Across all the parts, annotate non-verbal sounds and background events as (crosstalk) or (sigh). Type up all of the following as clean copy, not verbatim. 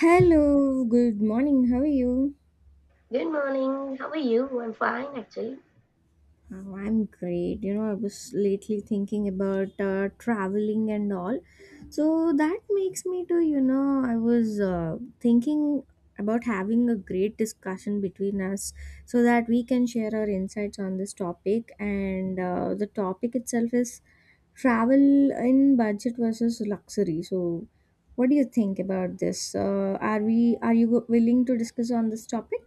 Hello, good morning. How are you? Good morning. How are you? I'm fine, actually. Oh, I'm great. I was lately thinking about traveling and all. So that makes me to, I was thinking about having a great discussion between us so that we can share our insights on this topic. And the topic itself is travel in budget versus luxury. So, what do you think about this? Are you willing to discuss on this topic?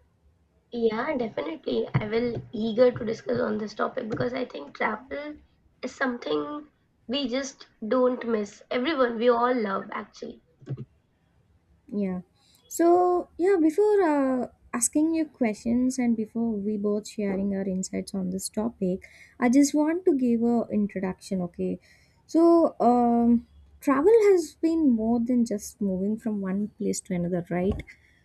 Yeah, definitely. I will eager to discuss on this topic because I think travel is something we just don't miss. Everyone, we all love, actually. Yeah. So, yeah, before asking your questions and before we both sharing our insights on this topic, I just want to give a introduction, okay? So, um, Travel has been more than just moving from one place to another, right?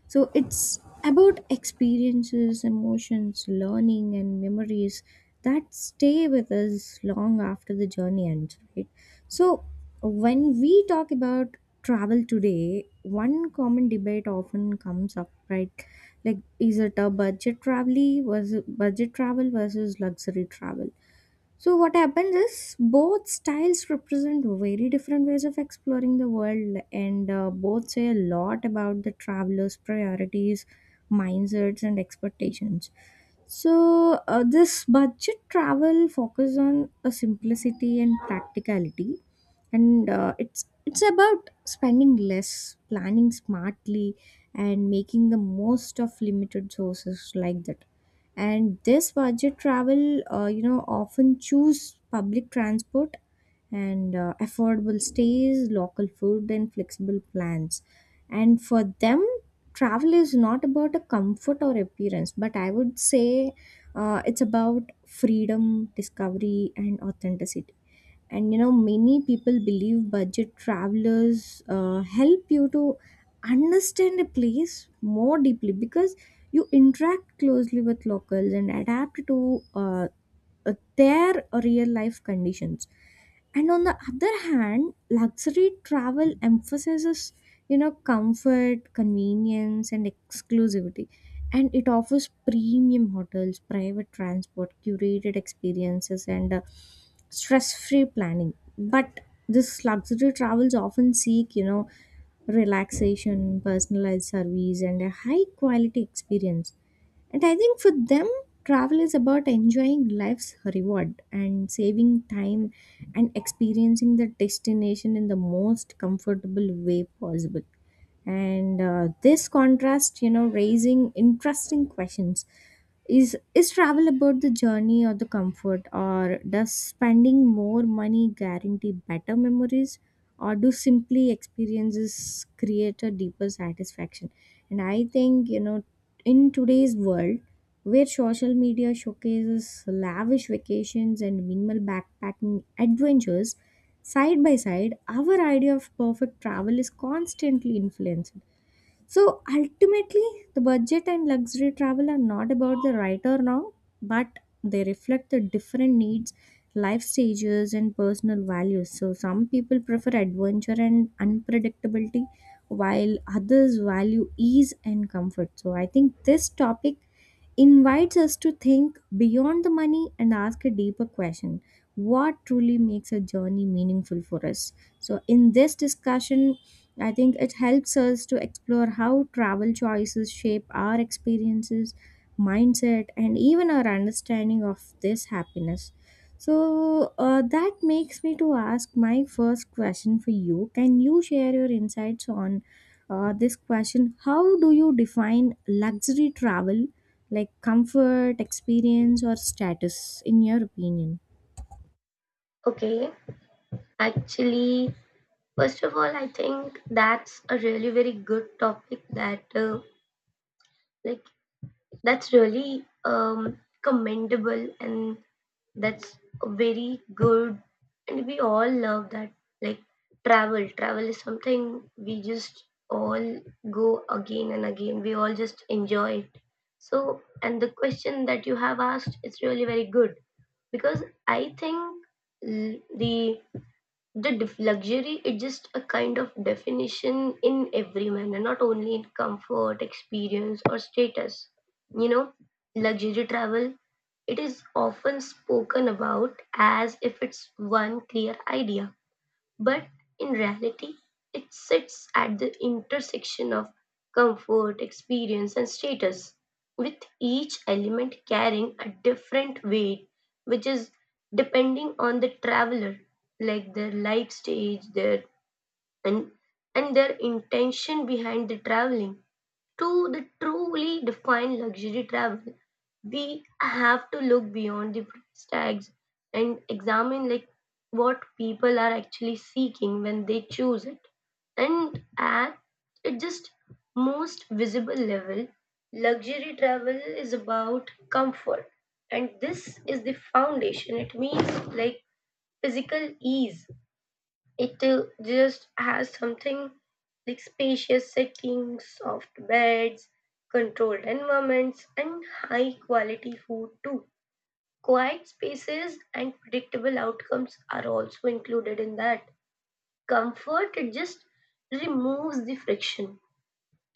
So, it's about experiences, emotions, learning, and memories that stay with us long after the journey ends, right? So, when we talk about travel today, one common debate often comes up, right? Like, is it a budget travel was budget travel versus luxury travel? So what happens is both styles represent very different ways of exploring the world, and both say a lot about the traveler's priorities, mindsets, and expectations. So this budget travel focuses on a simplicity and practicality, and it's about spending less, planning smartly, and making the most of limited sources like that. And this budget travel, you know, often choose public transport and affordable stays, local food, and flexible plans. And for them, travel is not about a comfort or appearance, but I would say it's about freedom, discovery, and authenticity. And you know, many people believe budget travelers help you to understand a place more deeply because you interact closely with locals and adapt to their real life conditions. And on the other hand, luxury travel emphasizes, you know, comfort, convenience, and exclusivity, and it offers premium hotels, private transport, curated experiences, and stress-free planning. But this luxury travels often seek, you know, relaxation, personalized service, and a high-quality experience. And I think for them, travel is about enjoying life's reward and saving time and experiencing the destination in the most comfortable way possible. And this contrast, you know, raising interesting questions. Is travel about the journey or the comfort, or does spending more money guarantee better memories, or do simply experiences create a deeper satisfaction? And I think, you know, in today's world where social media showcases lavish vacations and minimal backpacking adventures side by side, our idea of perfect travel is constantly influenced. So ultimately, the budget and luxury travel are not about the right or wrong, but they reflect the different needs, life stages, and personal values. So some people prefer adventure and unpredictability, while others value ease and comfort. So I think this topic invites us to think beyond the money and ask a deeper question: what truly makes a journey meaningful for us? So in this discussion, I think it helps us to explore how travel choices shape our experiences, mindset, and even our understanding of this happiness. So that makes me to ask my first question for you. Can you share your insights on this question: how do you define luxury travel, like comfort, experience, or status, in your opinion? Okay. Actually, first of all, I think that's a really very good topic that like that's really commendable and that's very good. And we all love that. Like travel. Travel is something we just all go again and again. We all just enjoy it. So, and the question that you have asked is really very good because I think l- the luxury is just a kind of definition in every manner, not only in comfort, experience, or status. You know, luxury travel it is often spoken about as if it's one clear idea, but in reality, it sits at the intersection of comfort, experience, and status, with each element carrying a different weight, which is depending on the traveler, like their life stage, their and and their intention behind the traveling. To the truly define luxury travel, we have to look beyond the price tags and examine like what people are actually seeking when they choose it. And at its just most visible level, luxury travel is about comfort. And this is the foundation. It means like physical ease it just has something like spacious settings, soft beds, controlled environments, and high quality food too. Quiet spaces and predictable outcomes are also included in that. Comfort it just removes the friction.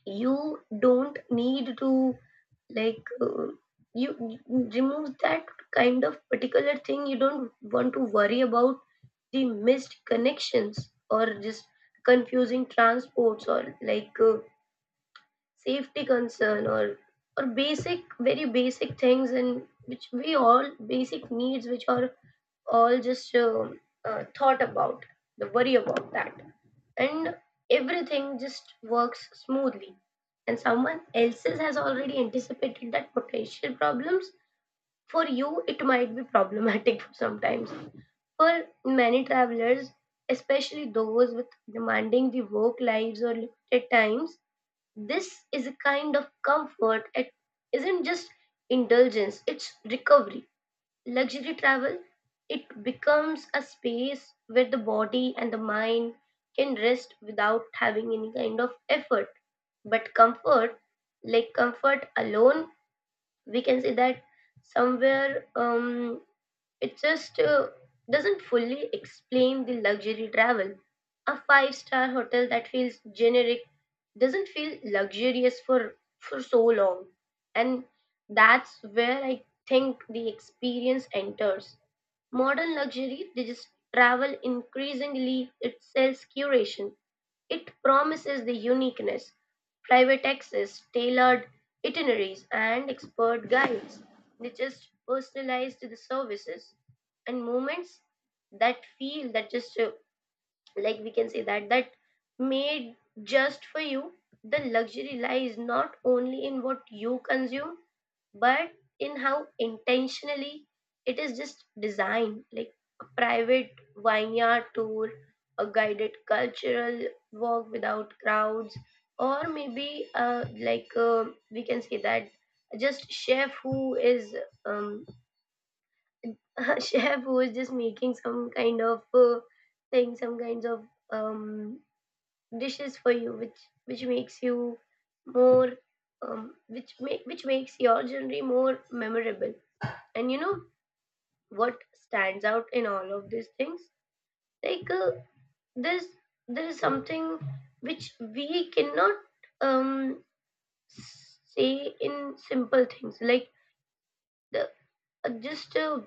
You don't need to like uh, you remove that kind of particular thing. You don't want to worry about the missed connections or just confusing transports or safety concern or basic very basic things and which we all basic needs which are all just thought about the worry about that, and everything just works smoothly and someone else's has already anticipated that potential problems for you. It might be problematic (laughs) sometimes. For many travelers, especially those with demanding the work lives or limited times, this is a kind of comfort. It isn't just indulgence, it's recovery. Luxury travel, it becomes a space where the body and the mind can rest without having any kind of effort. But comfort, like comfort alone, we can say that somewhere it just doesn't fully explain the luxury travel. A five-star hotel that feels generic doesn't feel luxurious for so long. And that's where I think the experience enters. Modern travel increasingly it sells curation. It promises the uniqueness, private access, tailored itineraries, and expert guides, which just personalized the services and moments that feel that just like we can say that that made just for you. The luxury lies not only in what you consume but in how intentionally it is just designed, like a private vineyard tour, a guided cultural walk without crowds, or maybe we can say that just chef who is um, (laughs) chef who is just making some kind of thing, some kinds of um, dishes for you which makes you more which makes your journey more memorable. And you know what stands out in all of these things, like uh, there's there is something which we cannot um say in simple things, like the just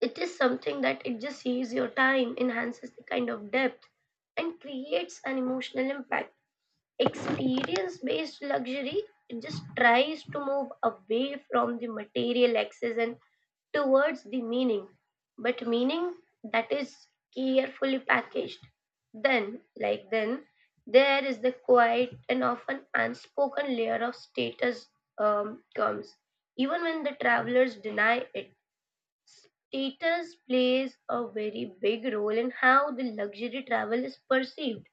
it is something that it just saves your time, enhances the kind of depth, and creates an emotional impact. Experience based luxury, it just tries to move away from the material excess and towards the meaning, but meaning that is carefully packaged. Then, there is the quiet and often unspoken layer of status comes. Even when the travelers deny it, status plays a very big role in how the luxury travel is perceived.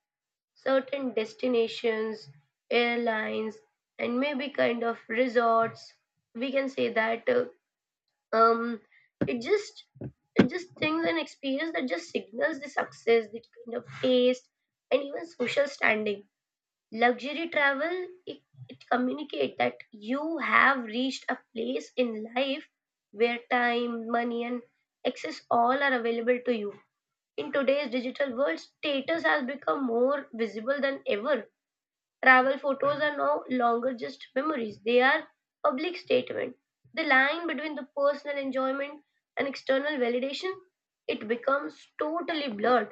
Certain destinations, airlines, and maybe kind of resorts, we can say that um it just it just things and experience that just signals the success, the kind of taste, and even social standing. Luxury travel it, it communicates that you have reached a place in life where time, money, and access all are available to you. In today's digital world status has become more visible than ever. Travel photos are no longer just memories, they are public statement. The line between the personal enjoyment and external validation, it becomes totally blurred.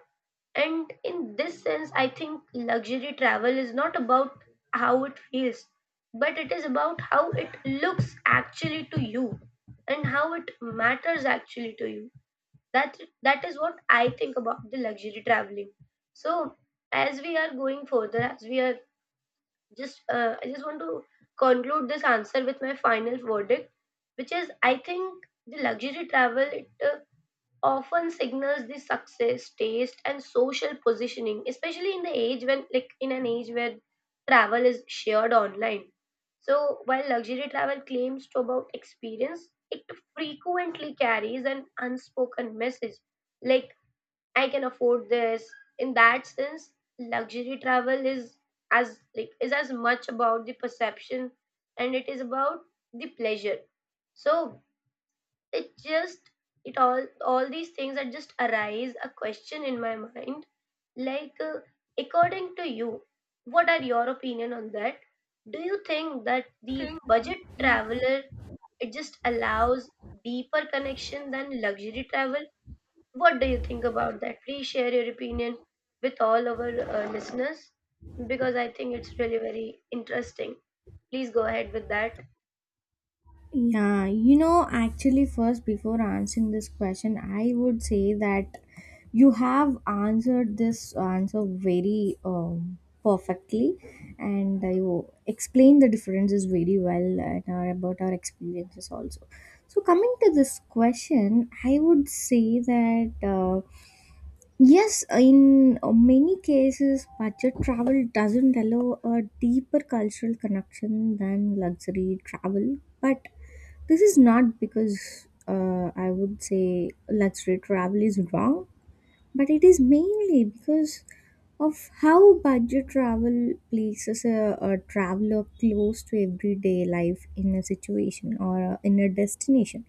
And in this sense, I think luxury travel is not about how it feels, but it is about how it looks actually to you and how it matters actually to you. That that is what I think about the luxury traveling. So as we are going further, as we are just I just want to conclude this answer with my final verdict, which is I think the luxury travel it often signals the success, taste, and social positioning, especially in the age when like in an age where travel is shared online. So while luxury travel claims to about experience, it frequently carries an unspoken message, like I can afford this. In that sense, luxury travel is as like is as much about the perception and it is about the pleasure. So it just it all these things that just arise a question in my mind, like uh, according to you, what are your opinion on that? Do you think that the budget traveler it just allows deeper connection than luxury travel? What do you think about that? Please share your opinion with all our listeners, because I think it's really very interesting. Please go ahead with that. Yeah, you know, actually, first before answering this question, I would say that you have answered this answer very perfectly, and you explained the differences very well and our, about our experiences also. So, coming to this question, I would say that. Yes, in many cases, budget travel doesn't allow a deeper cultural connection than luxury travel. But this is not because I would say luxury travel is wrong, but it is mainly because of how budget travel places a traveler close to everyday life in a situation or in a destination.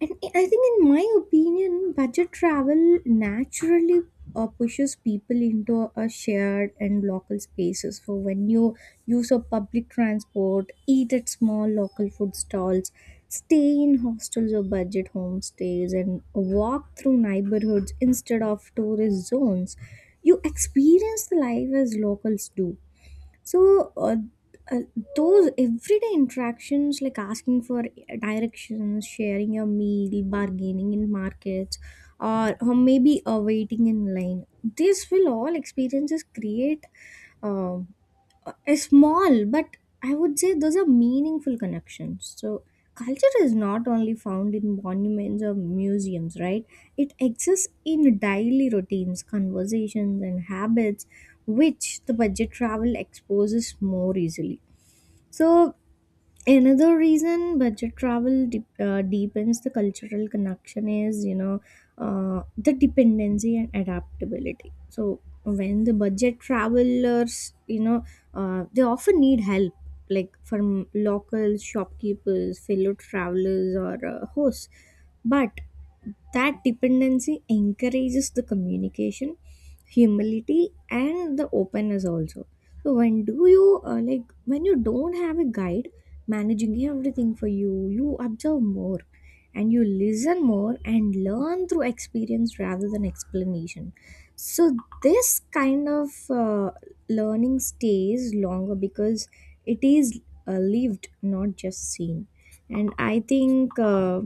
And I think, in my opinion, budget travel naturally pushes people into a shared and local spaces. For when you use a public transport, eat at small local food stalls, stay in hostels or budget homestays, and walk through neighborhoods instead of tourist zones, you experience the life as locals do. So uh, those everyday interactions, like asking for directions, sharing your meal, bargaining in markets, or maybe waiting in line, this will all experiences create um small but, I would say, those are meaningful connections. So culture is not only found in monuments or museums, right? It exists in daily routines, conversations, and habits, which the budget travel exposes more easily. So another reason budget travel deepens the cultural connection is, you know, the dependency and adaptability. So when the budget travelers, you know, they often need help, like from locals, shopkeepers, fellow travelers, or hosts. But that dependency encourages the communication, humility, and the openness also. So when you don't have a guide managing everything for you, you observe more and you listen more and learn through experience rather than explanation. So, this kind of learning stays longer because it is lived, not just seen. And I think,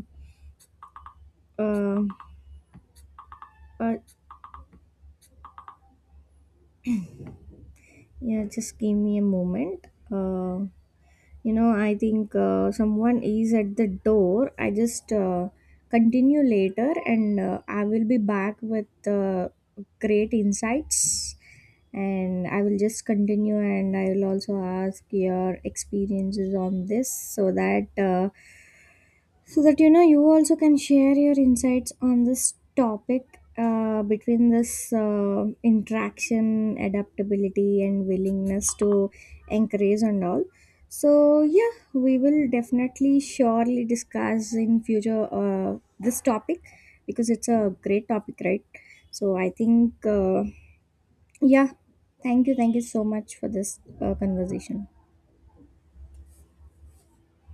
uh, uh, yeah, just give me a moment. You know, I think someone is at the door. I just continue later, and I will be back with great insights, and I will just continue and I will also ask your experiences on this, so that you know, you also can share your insights on this topic, between this interaction, adaptability, and willingness to encourage and all. So yeah, we will definitely surely discuss in future this topic because it's a great topic, right? So I think yeah, thank you so much for this conversation.